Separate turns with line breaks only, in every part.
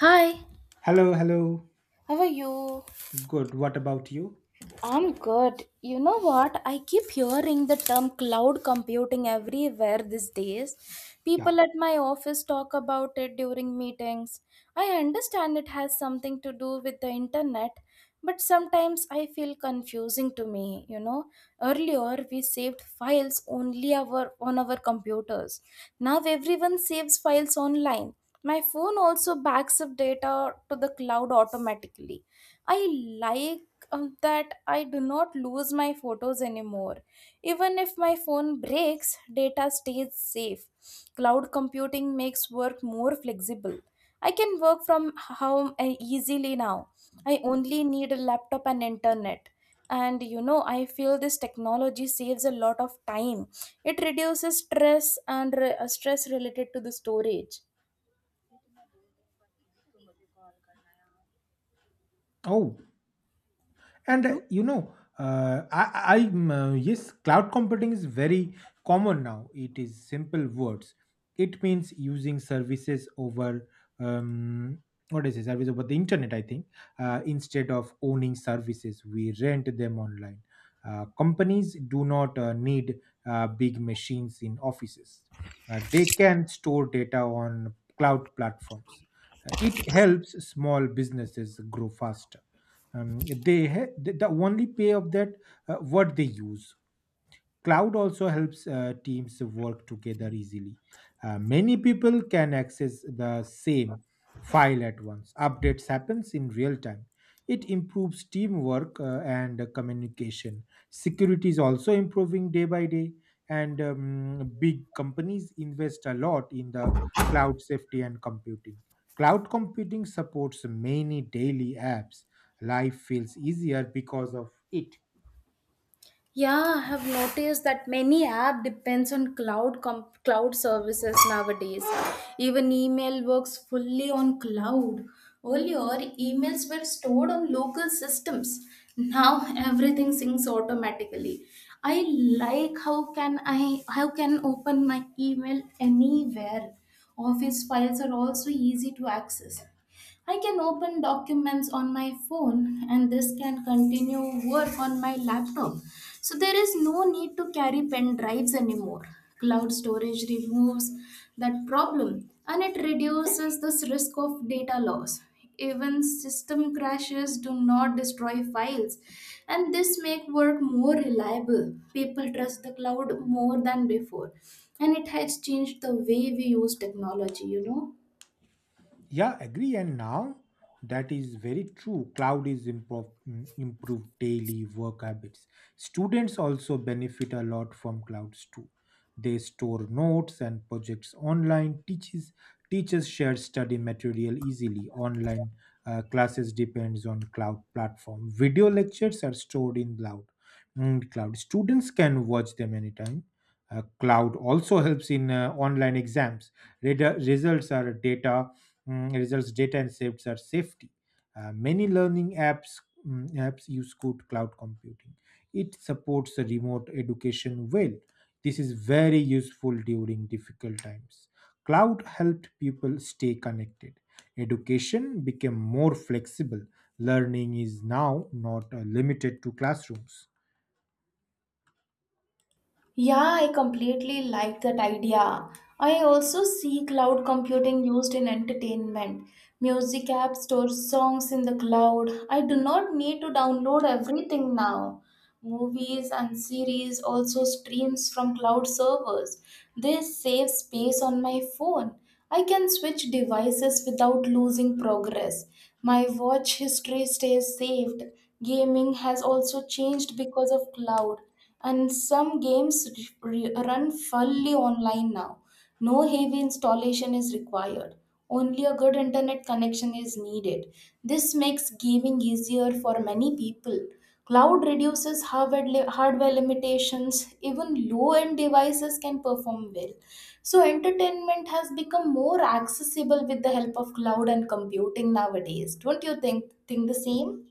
Hi,
Hello, hello.
how are you?
Good. What about you?
I'm good. You know what? I keep hearing the term cloud computing everywhere these days.
Yeah.
People at my office talk about it during meetings. I understand it has something to do with the internet, but sometimes I feel confusing to me, you know. Earlier we saved files only our on our computers. Now everyone saves files online. My phone also backs up data to the cloud automatically. I like that I do not lose my photos anymore. Even if my phone breaks, data stays safe. Cloud computing makes work more flexible. I can work from home easily now. I only need a laptop and internet. And you know, I feel this technology saves a lot of time. It reduces stress and stress related to the storage.
Oh, and
Mm-hmm.
I am, yes, cloud computing is very common now. It is simple words. It means using services over, um, what is it, service over the internet, I think. Uh, instead of owning services, we rent them online. Uh, companies do not need big machines in offices. They can store data on cloud platforms. It helps small businesses grow faster, they the only pay of that, what they use. Cloud also helps teams work together easily. Many people can access the same file at once. Updates happens in real time. It improves teamwork, and communication. Security is also improving day by day, and big companies invest a lot in the cloud safety and computing. Cloud computing supports many daily apps. Life feels easier because of it.
Yeah, I have noticed that many app depends on cloud services nowadays. Even email works fully on cloud. Earlier, emails were stored on local systems. Now everything syncs automatically. I like how can open my email anywhere. Office files are also easy to access. I can open documents on my phone and this can continue work on my laptop. So there is no need to carry pen drives anymore. Cloud storage removes that problem and it reduces this risk of data loss. Even system crashes do not destroy files and this make work more reliable. People trust the cloud more than before and it has changed the way we use technology, you know.
Yeah, agree. And now that is very true. Cloud is improved daily work habits. Students also benefit a lot from clouds too. They store notes and projects online. Teaches teachers share study material easily. Online classes depends on cloud platform. Video lectures are stored in cloud. Cloud students can watch them anytime. Cloud also helps in online exams. Results are data, results data and safes are safety. Many learning apps, use good cloud computing. It supports the remote education well. This is very useful during difficult times. Cloud helped people stay connected. Education became more flexible. Learning is now not limited to classrooms.
Yeah, I completely like that idea. I also see cloud computing used in entertainment. Music apps store songs in the cloud. I do not need to download everything now. Movies and series also streams from cloud servers. They save space on my phone. I can switch devices without losing progress. My watch history stays saved. Gaming has also changed because of cloud, and some games run fully online now. No heavy installation is required. Only a good internet connection is needed. This makes gaming easier for many people. Cloud reduces hardware limitations. Even low end devices can perform well. So, entertainment has become more accessible with the help of cloud and computing nowadays. Don't you think the same?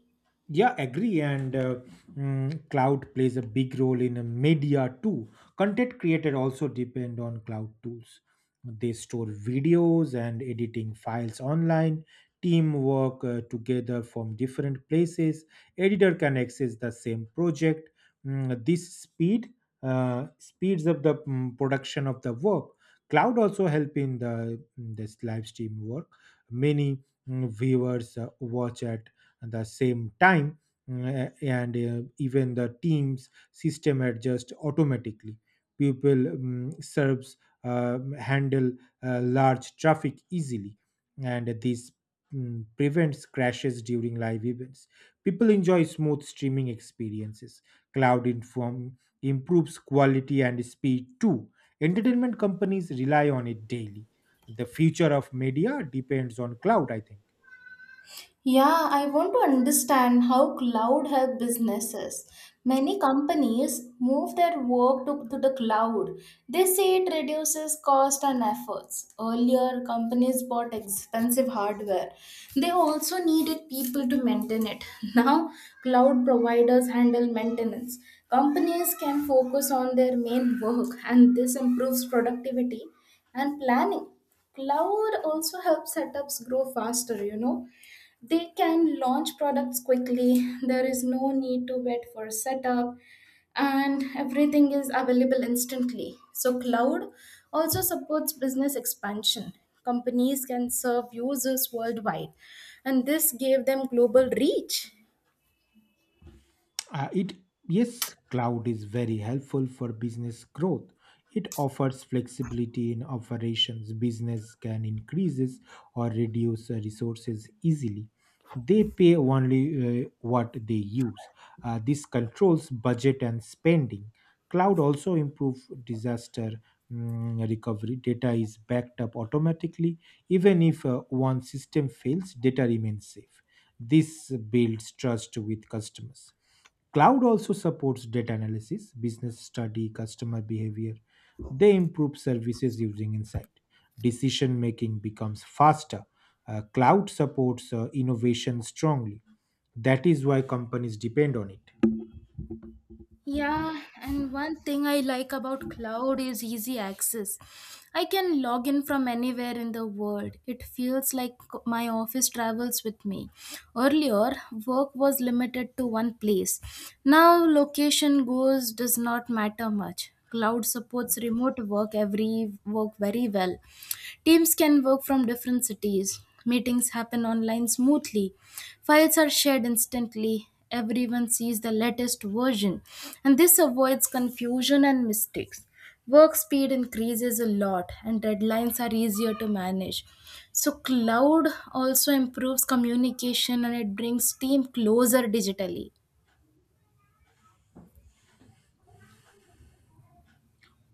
Yeah, agree. And cloud plays a big role in media too. Content creator also depend on cloud tools. They store videos and editing files online. Teamwork together from different places. Editor can access the same project. This speeds up the production of the work. Cloud also help in this live stream work. Many, viewers watch at the same time, and even the teams system adjusts automatically. People, serves handle large traffic easily, and this prevents crashes during live events. People enjoy smooth streaming experiences. Cloud inform improves quality and speed too. Entertainment companies rely on it daily. The future of media depends on cloud, I think.
Yeah, I want to understand how cloud help businesses. Many companies move their work to the cloud. They say it reduces cost and efforts. Earlier, companies bought expensive hardware. They also needed people to maintain it. Now, cloud providers handle maintenance. Companies can focus on their main work, and this improves productivity and planning. Cloud also helps setups grow faster, you know, they can launch products quickly, there is no need to wait for setup, and everything is available instantly. So, cloud also supports business expansion. Companies can serve users worldwide, and this gave them global reach.
It Yes, cloud is very helpful for business growth. It offers flexibility in operations. Business can increases or reduce resources easily. They pay only what they use. This controls budget and spending. Cloud also improves disaster recovery. Data is backed up automatically. Even if one system fails, data remains safe. This builds trust with customers. Cloud also supports data analysis, business study, customer behavior. They improve services using insight. Decision making becomes faster. Cloud supports innovation strongly. That is why companies depend on it.
Yeah, and one thing I like about cloud is easy access. I can log in from anywhere in the world. It feels like my office travels with me. Earlier, work was limited to one place. Now, location goes does not matter much. Cloud supports remote work every work very well. Teams can work from different cities. Meetings happen online smoothly. Files are shared instantly. Everyone sees the latest version. And this avoids confusion and mistakes. Work speed increases a lot, and deadlines are easier to manage. So, cloud also improves communication and it brings team closer digitally.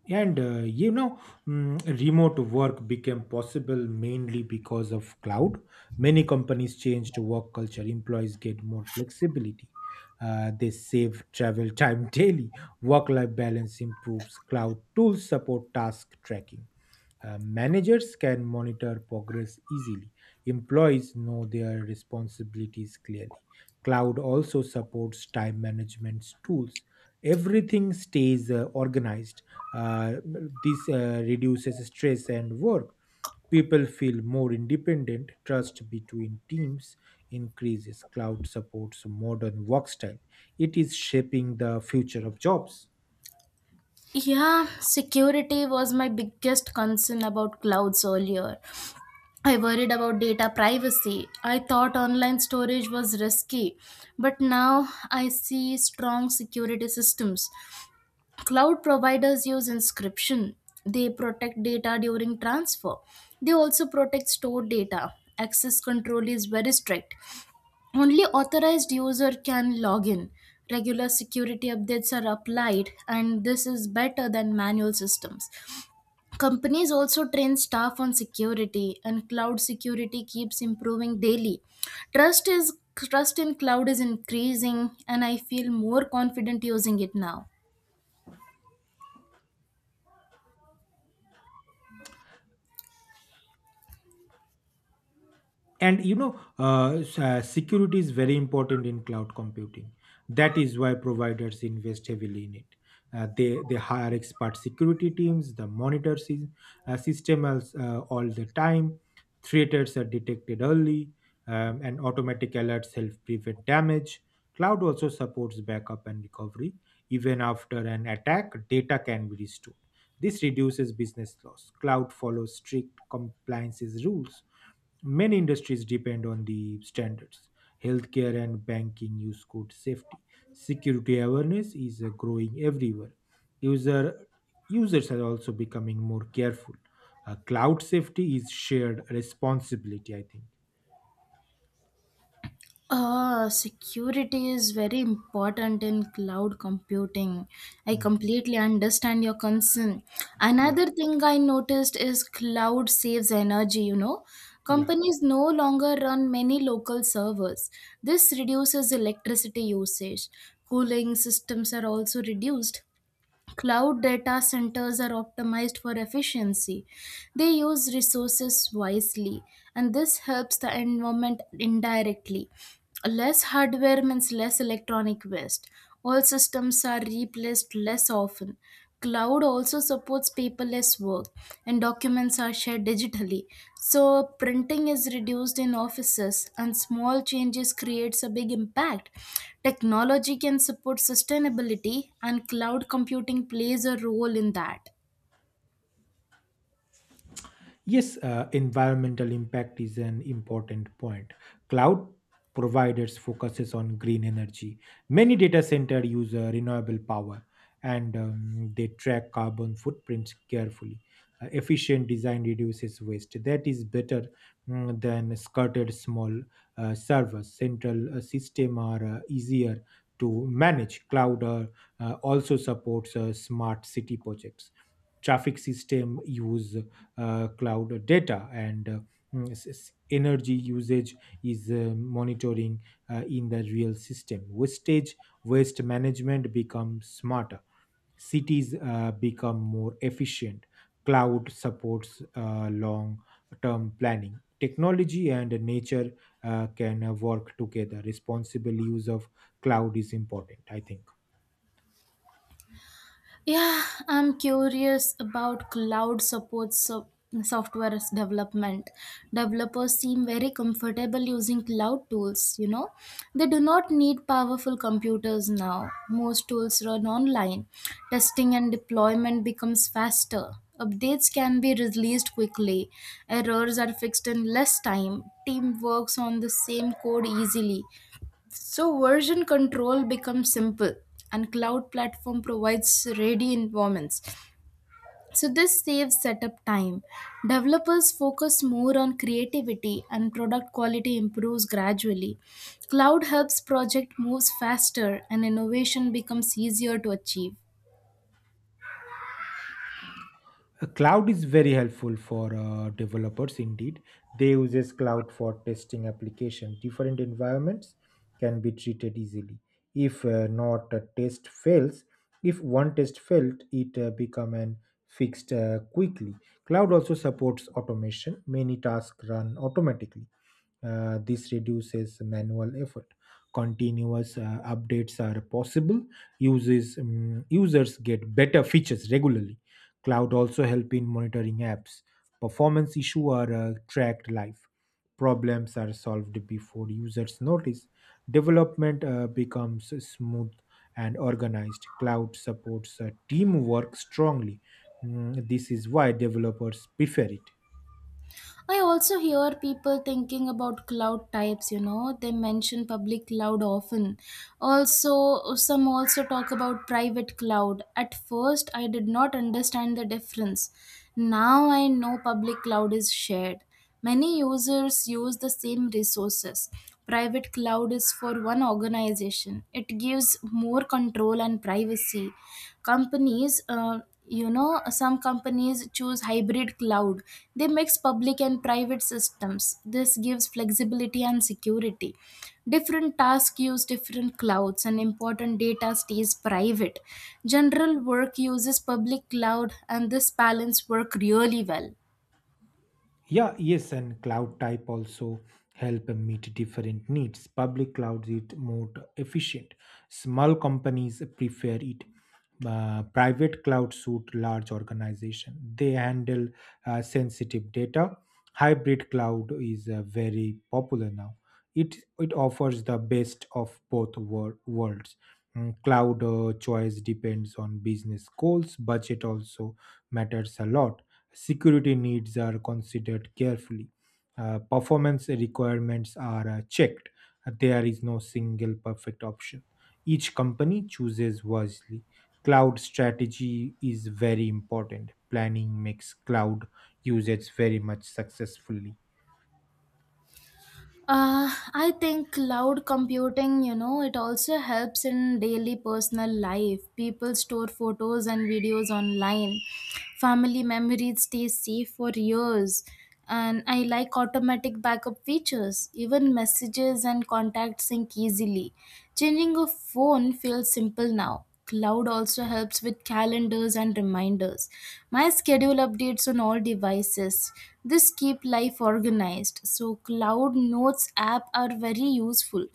And remote work became possible mainly because of cloud. Many companies changed work culture. Employees get more flexibility. They save travel time daily. Work-life balance improves. Cloud tools support task tracking. Managers can monitor progress easily. Employees know their responsibilities clearly. Cloud also supports time management tools. Everything stays organized. Uh, this reduces stress and work. People feel more independent. Trust between teams increases. Cloud supports modern work style. It is shaping the future of jobs.
Yeah, security was my biggest concern about clouds earlier. I worried about data privacy. I thought online storage was risky, but now I see strong security systems. Cloud providers use encryption. They protect data during transfer. They also protect stored data. Access control is very strict. Only authorized user can log in. Regular security updates are applied and this is better than manual systems. Companies also train staff on security, and cloud security keeps improving daily. Trust in cloud is increasing, and I feel more confident using it now.
And you know s- security is very important in cloud computing. That is why providers invest heavily in it. They hire expert security teams the monitor system all the time. Threats are detected early, and automatic alerts help prevent damage. Cloud also supports backup and recovery. Even after an attack, data can be restored. This reduces business loss. Cloud follows strict compliances rules. Many industries depend on the standards. Healthcare and banking use code safety. Security awareness is growing everywhere. User, users are also becoming more careful. Cloud safety is shared responsibility, I think.
Ah, security is very important in cloud computing. I
Hmm.
completely understand your concern.
Yeah,
Another thing I noticed is cloud saves energy, you know.
yeah.
Companies no longer run many local servers. This reduces electricity usage. Cooling systems are also reduced. Cloud data centers are optimized for efficiency. They use resources wisely, and this helps the environment indirectly. Less hardware means less electronic waste. All systems are replaced less often. Cloud also supports paperless work and documents are shared digitally. So printing is reduced in offices and small changes creates a big impact. Technology can support sustainability and cloud computing plays a role in that.
Yes, environmental impact is an important point. Cloud providers focuses on green energy. Many data center use renewable power, and they track carbon footprints carefully. Efficient design reduces waste. That is better than scattered small servers. Central system are easier to manage. Cloud also supports smart city projects. Traffic system use cloud data, and energy usage is monitoring in the real system. Wastage Waste management becomes smarter. Cities become more efficient. Cloud supports long term planning. Technology and nature can work together. Responsible use of cloud is important, I think.
Yeah, I'm curious about cloud software development. Developers seem very comfortable using cloud tools, you know. They do not need powerful computers now. Most tools run online. Testing and deployment becomes faster. Updates can be released quickly. Errors are fixed in less time. Team works on the same code easily. So version control becomes simple and cloud platform provides ready environments. So this saves setup time. Developers focus more on creativity and product quality improves gradually. Cloud helps project moves faster and innovation becomes easier to achieve.
A cloud is very helpful for developers indeed. They uses cloud for testing application. Different environments can be treated easily. If not a test fails. If one test failed, it become an fixed quickly. Cloud also supports automation. Many tasks run automatically. Uh, this reduces manual effort. Continuous updates are possible. Uses Users get better features regularly. Cloud also help in monitoring apps. Performance issue are tracked live. Problems are solved before users notice. Development becomes smooth and organized. Cloud supports teamwork strongly. This is why developers prefer it.
I also hear people thinking about cloud types, you know, they mention public cloud often. Also, some also talk about private cloud. At first, I did not understand the difference. Now I know public cloud is shared. Many users use the same resources. Private cloud is for one organization. It gives more control and privacy. Companies, uh, you know, some companies choose hybrid cloud. They mix public and private systems. This gives flexibility and security. Different tasks use different clouds, and important data stays private. General work uses public cloud, and this balance work really well.
Yeah, yes, and cloud type also help meet different needs. Public clouds it more efficient. Small companies prefer it. Private cloud suit large organization. They handle sensitive data. Hybrid cloud is very popular now. It offers the best of both worlds. Cloud choice depends on business goals. Budget also matters a lot. Security needs are considered carefully. Uh, performance requirements are checked. There is no single perfect option. Each company chooses wisely. Cloud strategy is very important. Planning makes cloud usage very much successfully.
Uh, I think cloud computing, you know, it also helps in daily personal life. People store photos and videos online. Family memories stay safe for years. And I like automatic backup features. Even messages and contacts sync easily. Changing a phone feels simple now. Cloud also helps with calendars and reminders. My schedule updates on all devices. This keep life organized. So Cloud Notes app are very useful.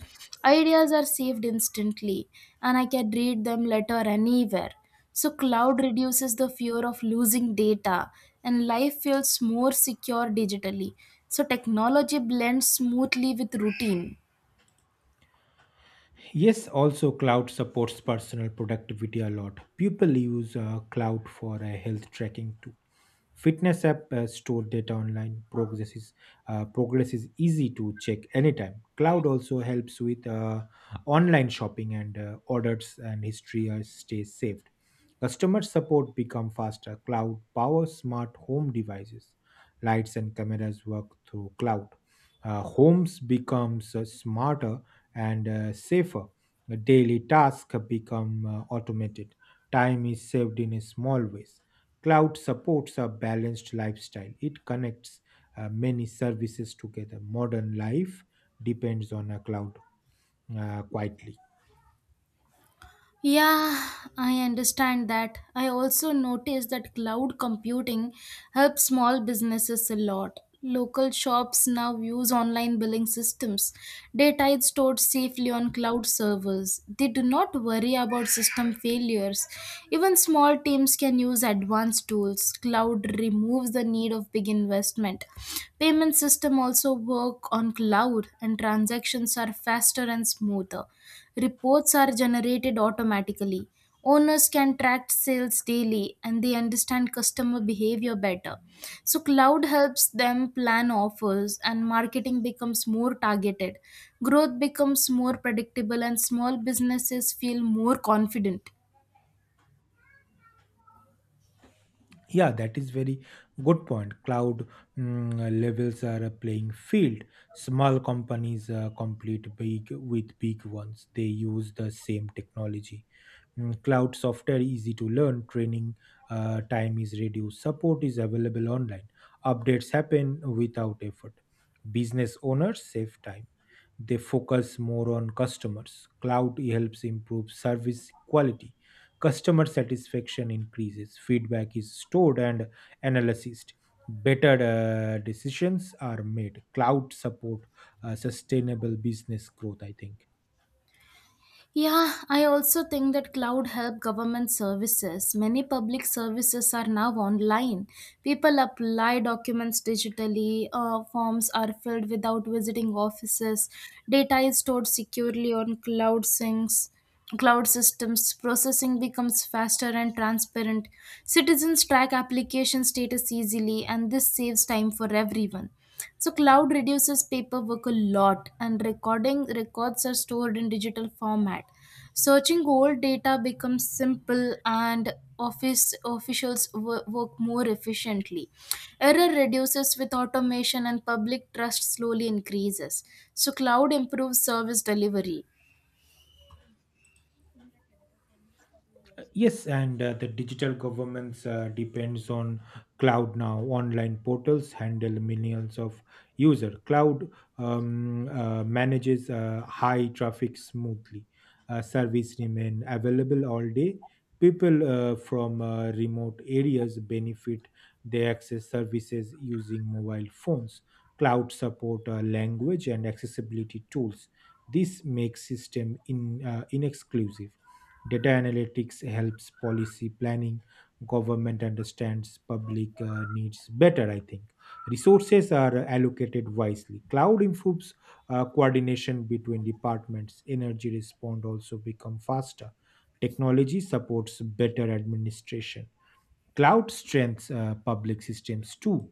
Ideas are saved instantly and I can read them later anywhere. So cloud reduces the fear of losing data and life feels more secure digitally. So technology blends smoothly with routine.
Yes, also cloud supports personal productivity a lot. People use cloud for health tracking too. Fitness app store data online. Progress is easy to check anytime. Cloud also helps with online shopping, and orders and history stays saved. Customer support become faster. Cloud powers smart home devices. Lights and cameras work through cloud. Homes becomes smarter and safer. Daily tasks become automated. Time is saved in small ways. Cloud supports a balanced lifestyle. It connects many services together. Modern life depends on a cloud quietly.
Yeah, I understand that. I also noticed that cloud computing helps small businesses a lot. Local shops now use online billing systems. Data is stored safely on cloud servers. They do not worry about system failures. Even small teams can use advanced tools. Cloud removes the need of big investment. Payment system also work on cloud and transactions are faster and smoother. Reports are generated automatically. Owners can track sales daily and they understand customer behavior better. So, cloud helps them plan offers and marketing becomes more targeted. Growth becomes more predictable and small businesses feel more confident.
Yeah, that is very good point. Cloud, levels are a playing field. Small companies compete big with big ones. They use the same technology. Cloud software easy to learn. Training time is reduced. Support is available online. Updates happen without effort. Business owners save time, they focus more on customers. Cloud helps improve service quality. Customer satisfaction increases, feedback is stored and analyzed. Better decisions are made. Cloud support sustainable business growth, I think.
Yeah, I also think that cloud help government services. Many public services are now online. People apply documents digitally, forms are filled without visiting offices, data is stored securely on cloud sinks. Cloud systems processing becomes faster and transparent. Citizens track application status easily and this saves time for everyone. So cloud reduces paperwork a lot and recording records are stored in digital format. Searching old data becomes simple and work more efficiently. Error reduces with automation and public trust slowly increases. So cloud improves service delivery.
Yes, and the digital governments depends on cloud now. Online portals handle millions of user. Cloud manages high traffic smoothly. Service remain available all day. People from remote areas benefit. They access services using mobile phones. Cloud support language and accessibility tools. This makes system in inexclusive. Data analytics helps policy planning. Government understands public needs better, I think. Resources are allocated wisely. Cloud improves coordination between departments. Energy respond also become faster. Technology supports better administration. Cloud strengthens public systems too.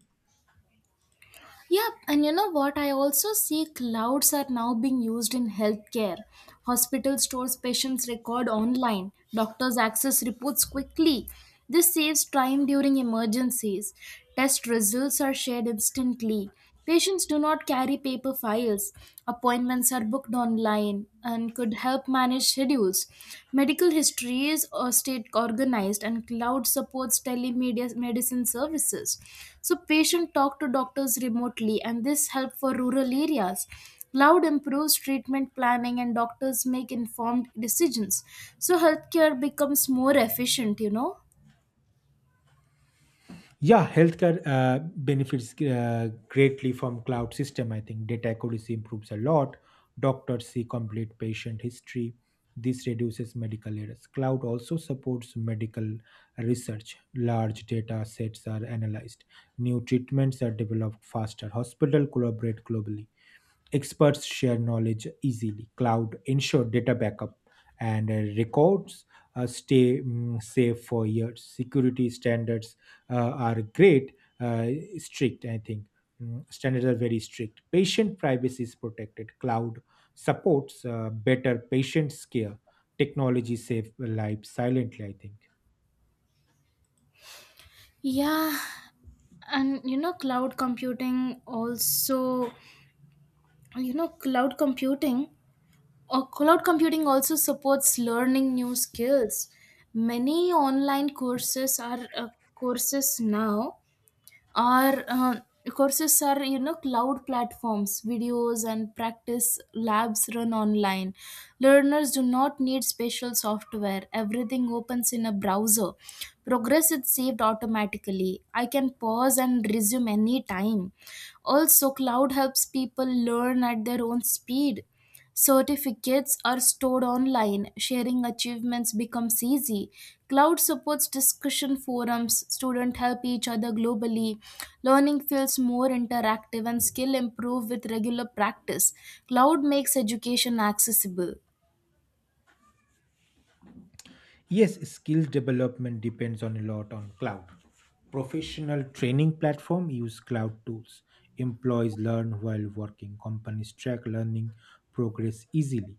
Yep, and you know what? I also see clouds are now being used in healthcare. Hospital stores patients' record online, doctors access reports quickly. This saves time during emergencies. Test results are shared instantly. Patients do not carry paper files, appointments are booked online, and could help manage schedules. Medical histories are state organized, and cloud supports telemedia medicine services. So, patient talk to doctors remotely, and this help for rural areas. Cloud improves treatment planning, and doctors make informed decisions. So, healthcare becomes more efficient, you know.
Yeah, healthcare benefits greatly from cloud system. I think data accuracy improves a lot. Doctors see complete patient history. This reduces medical errors. Cloud also supports medical research. Large data sets are analyzed. New treatments are developed faster. Hospital collaborate globally. Experts share knowledge easily. Cloud ensure data backup and records stay safe for years. Security standards are great strict, I think. Standards are very strict. Patient privacy is protected. Cloud supports better patients care. Technology save lives silently, I think.
Yeah, and you know, cloud computing or cloud computing also supports learning new skills. Many online courses are courses now our courses are, you know, cloud platforms, videos and practice labs run online. Learners do not need special software. Everything opens in a browser. Progress is saved automatically. I can pause and resume anytime. Also, cloud helps people learn at their own speed. Certificates are stored online, sharing achievements becomes easy. Cloud supports discussion forums, students help each other globally. Learning feels more interactive and skill improve with regular practice. Cloud makes education accessible.
Yes, skill development depends on a lot on cloud. Professional training platform use cloud tools. Employees learn while working. Companies track learning progress easily.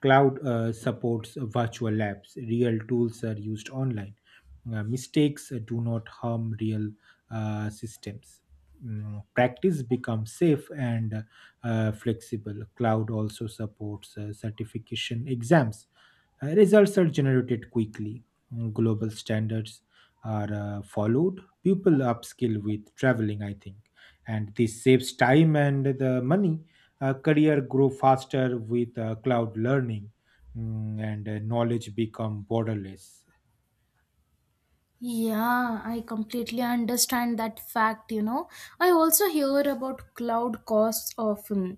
Cloud supports virtual labs. Real tools are used online. Mistakes do not harm real systems. Practice become safe and flexible. Cloud also supports certification exams. Results are generated quickly. Global standards are followed. People upskill with traveling, I think, and this saves time and the money. Career grow faster with cloud learning, and knowledge become borderless.
Yeah, I completely understand that fact, you know. I also hear about cloud costs often.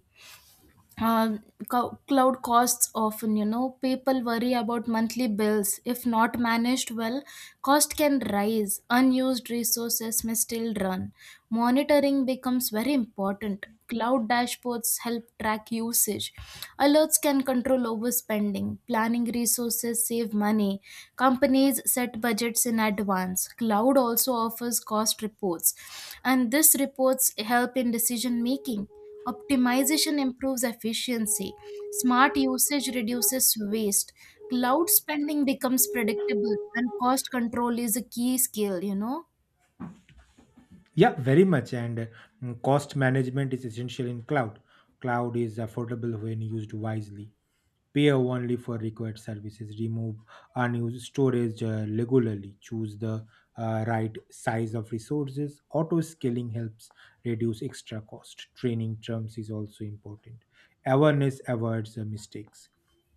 uh, cloud costs often. People worry about monthly bills if not managed well. Cost can rise. Unused resources may still run. Monitoring becomes very important. Cloud dashboards help track usage. Alerts can control overspending. Planning resources save money. Companies set budgets in advance. Cloud also offers cost reports, and these reports help in decision making. Optimization improves efficiency. Smart usage reduces waste. Cloud spending becomes predictable, and cost control is a key skill.
Yeah, very much. And cost management is essential in cloud. Cloud is affordable when used wisely. Pay only for required services, remove unused storage regularly, choose the right size of resources. Auto scaling helps reduce extra cost. Training terms is also important. Awareness avoids mistakes.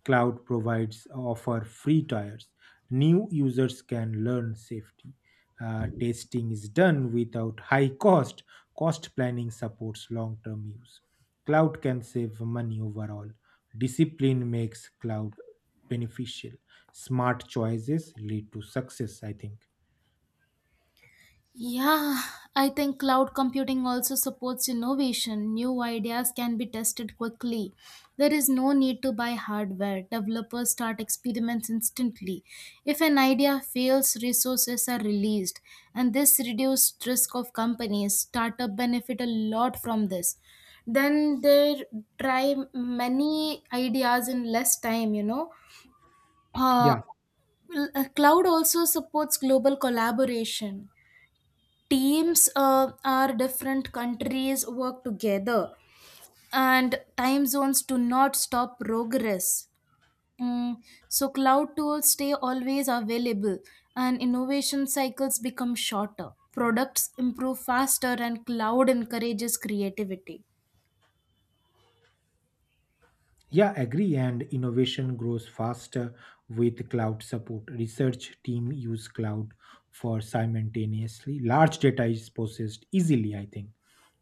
Cloud provides offer free tiers. New users can learn safety testing is done without high cost. Cost planning supports long term use. Cloud can save money overall. Discipline makes cloud beneficial. Smart choices lead to success, I think.
Yeah, I think cloud computing also supports innovation. New ideas can be tested quickly. There is no need to buy hardware. Developers start experiments instantly. If an idea fails, resources are released, and this reduced risk of companies. Startup benefit a lot from this. Then they try many ideas in less time. Uh,
Yeah.
Cloud also supports global collaboration. Teams are different countries work together, and time zones do not stop progress. Mm, so cloud tools stay always available, and innovation cycles become shorter. Products improve faster, and cloud encourages creativity.
Yeah, agree. And innovation grows faster with cloud support. Research team use cloud for simultaneously. Large data is processed easily, I think.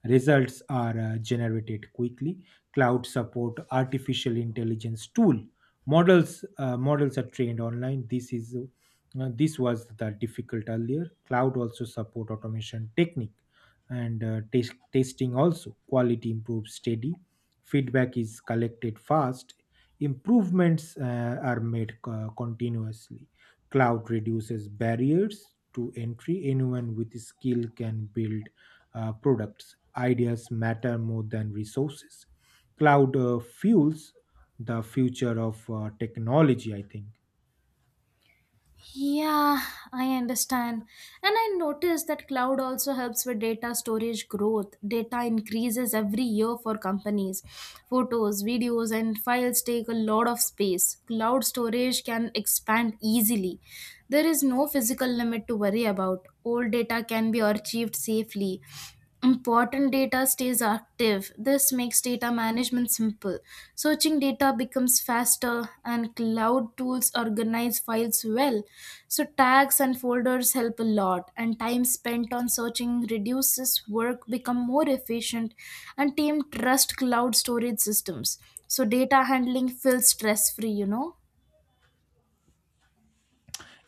Results are generated quickly. Cloud support artificial intelligence tool. Models are trained online. This was the difficult earlier. Cloud also support automation technique and testing also. Quality improves steady. Feedback is collected fast. Improvements are made continuously. Cloud reduces barriers to entry. Anyone with skill can build products. Ideas matter more than resources. Cloud fuels the future of technology, I think.
Yeah, I understand. And I noticed that cloud also helps with data storage growth. Data increases every year for companies. Photos, videos, and files take a lot of space. Cloud storage can expand easily. There is no physical limit to worry about. Old data can be archived safely. Important data stays active. This makes data management simple. Searching data becomes faster, and cloud tools organize files well. So, tags and folders help a lot, and time spent on searching reduces work, become more efficient, and team trust cloud storage systems. So, data handling feels stress free.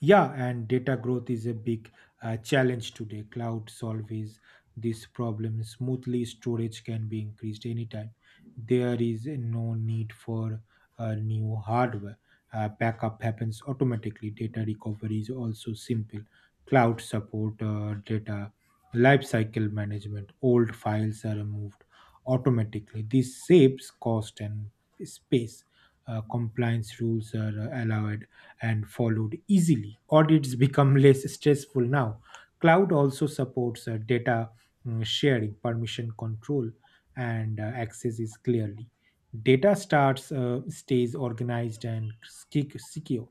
Yeah, and data growth is a big challenge today. Cloud solves this problem smoothly. Storage can be increased anytime. There is no need for new hardware. Backup happens automatically. Data recovery is also simple. Cloud support data lifecycle management. Old files are removed automatically. This saves cost and space. Compliance rules are allowed and followed easily. Audits become less stressful now. Cloud also supports data sharing, permission control, and access is clearly. Data starts stays organized and secure.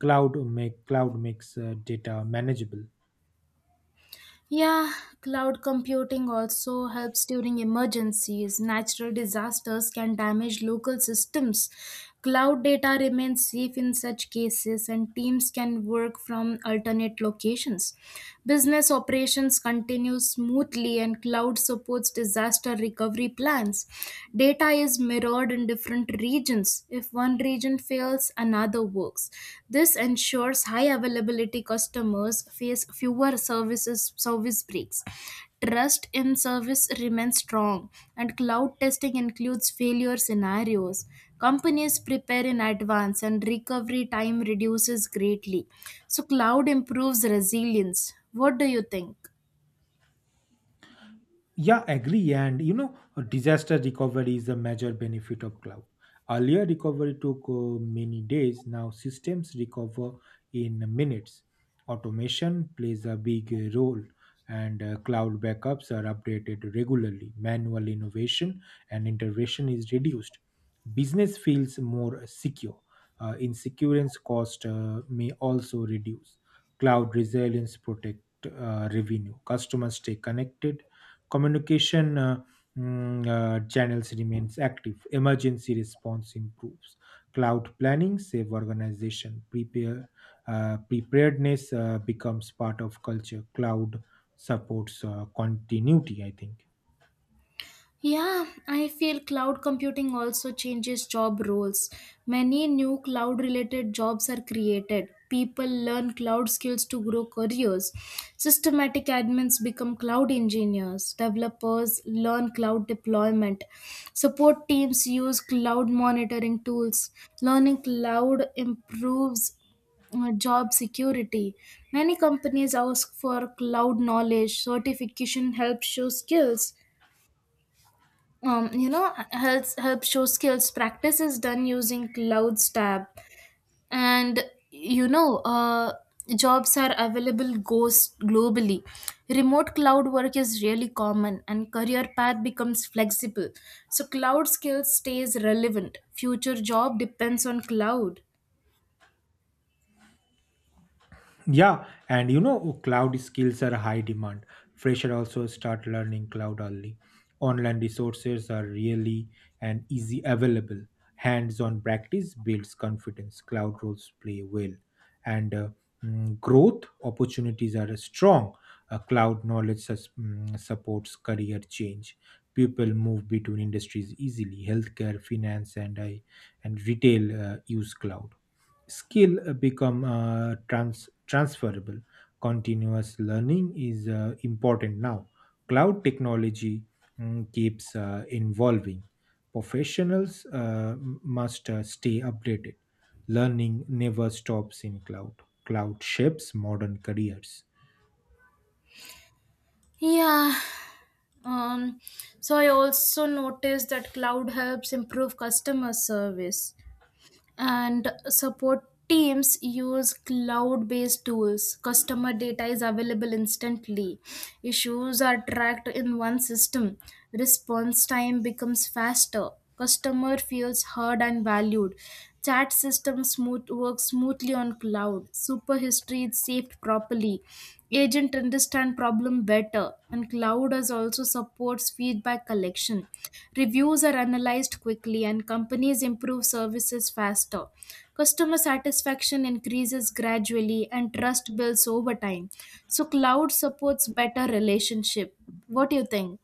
Cloud makes data manageable.
Yeah, cloud computing also helps during emergencies. Natural disasters can damage local systems. Cloud data remains safe in such cases, and teams can work from alternate locations. Business operations continue smoothly, and cloud supports disaster recovery plans. Data is mirrored in different regions. If one region fails, another works. This ensures high availability. Customers face fewer service breaks. Trust in service remains strong, and cloud testing includes failure scenarios. Companies prepare in advance, and recovery time reduces greatly. So, cloud improves resilience. What do you think?
Yeah, agree. And you know, a disaster recovery is a major benefit of cloud. Earlier, recovery took many days. Now, systems recover in minutes. Automation plays a big role, and cloud backups are updated regularly. Manual innovation and intervention is reduced. Business feels more secure. Insurance cost may also reduce. Cloud resilience protect revenue. Customers stay connected, communication channels remains active, emergency response improves, cloud planning save organization prepare preparedness becomes part of culture. Cloud supports continuity, I think.
Yeah, I feel cloud computing also changes job roles. Many new cloud related jobs are created. People learn cloud skills to grow careers. Systematic admins become cloud engineers. Developers learn cloud deployment. Support teams use cloud monitoring tools. Learning cloud improves job security. Many companies ask for cloud knowledge. Certification helps show skills. Um, you know helps help show skills. Practice is done using clouds tab, and you know uh, jobs are available goes globally. Remote cloud work is really common, and career path becomes flexible. So cloud skills stays relevant. Future job depends on cloud.
Yeah, and you know, cloud skills are high demand. Fresher also start learning cloud early. Online resources are really and easy available. Hands-on practice builds confidence. Cloud roles play well, and growth opportunities are strong. Cloud knowledge supports career change. People move between industries easily. Healthcare, finance, and I and retail use cloud skill become transferable. Continuous learning is important now. Cloud technology keeps evolving. Professionals must stay updated. Learning never stops in cloud. Cloud shapes modern careers.
Yeah, um, so I also noticed that cloud helps improve customer service, and support teams use cloud based tools. Customer data is available instantly. Issues are tracked in one system. Response time becomes faster. Customer feels heard and valued. Chat system smooth works smoothly on cloud. Super history is saved properly. Agent understand problem better, and cloud as also supports feedback collection. Reviews are analyzed quickly, and companies improve services faster. Customer satisfaction increases gradually, and trust builds over time. So cloud supports better relationship. What do you think?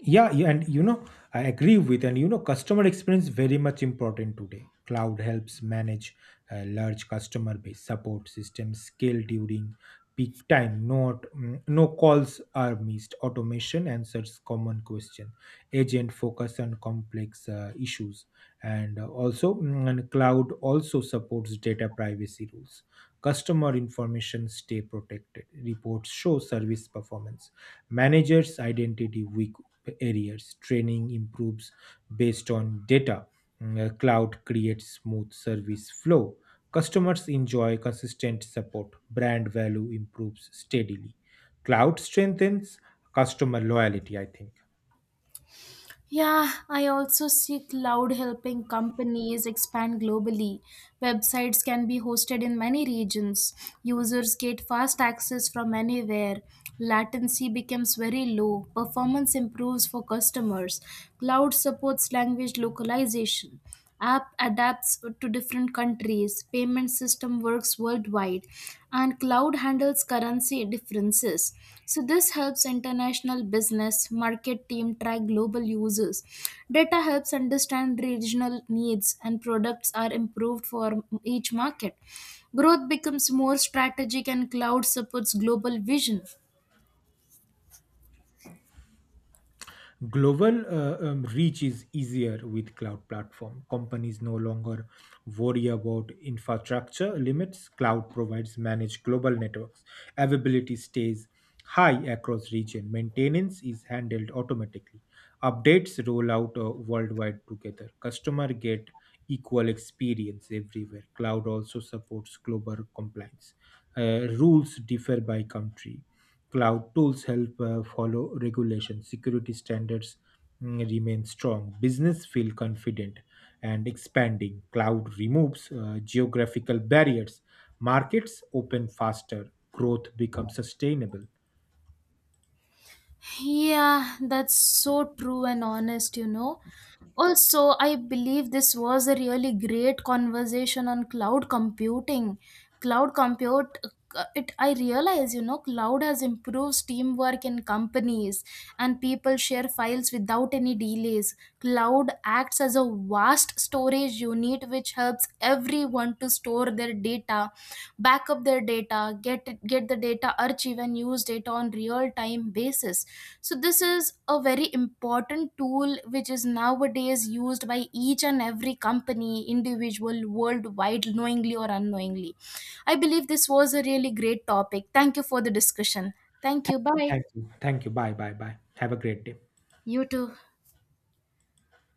Yeah, and you know, I agree with, and you know, customer experience very much important today. Cloud helps manage a large customer base, support system scale during peak time, not no calls are missed, automation answers common question, agent focus on complex issues, and and cloud also supports data privacy rules. Customer information stay protected, reports show service performance. Managers identity weak areas. Training improves based on data. Cloud creates smooth service flow. Customers enjoy consistent support. Brand value improves steadily. Cloud strengthens customer loyalty, I think.
Yeah, I also see cloud helping companies expand globally. Websites can be hosted in many regions. Users get fast access from anywhere. Latency becomes very low. Performance improves for customers. Cloud supports language localization. App adapts to different countries. Payment system works worldwide, and cloud handles currency differences. So this helps international business. Market team track global users. Data helps understand regional needs, and products are improved for each market. Growth becomes more strategic, and cloud supports global vision.
Global reach is easier with cloud platform. Companies no longer worry about infrastructure limits. Cloud provides managed global networks. Availability stays high across region. Maintenance is handled automatically. Updates roll out worldwide together. Customer get equal experience everywhere. Cloud also supports global compliance. Rules differ by country. Cloud tools help follow regulations. Security standards remain strong. Business feel confident and expanding. Cloud removes geographical barriers. Markets open faster. Growth becomes sustainable.
Yeah, that's so true and honest. Also, I believe this was a really great conversation on cloud computing. Cloud compute it I realize, cloud has improved teamwork in companies, and people share files without any delays. Cloud acts as a vast storage unit which helps everyone to store their data, backup their data, get the data archive and use it on real time basis. So this is a very important tool which is nowadays used by each and every company individual worldwide knowingly or unknowingly. I believe this was a really great topic. Thank you for the discussion. Thank you. Bye.
Thank you. Thank you. Bye. Bye. Bye. Have a great day.
You too.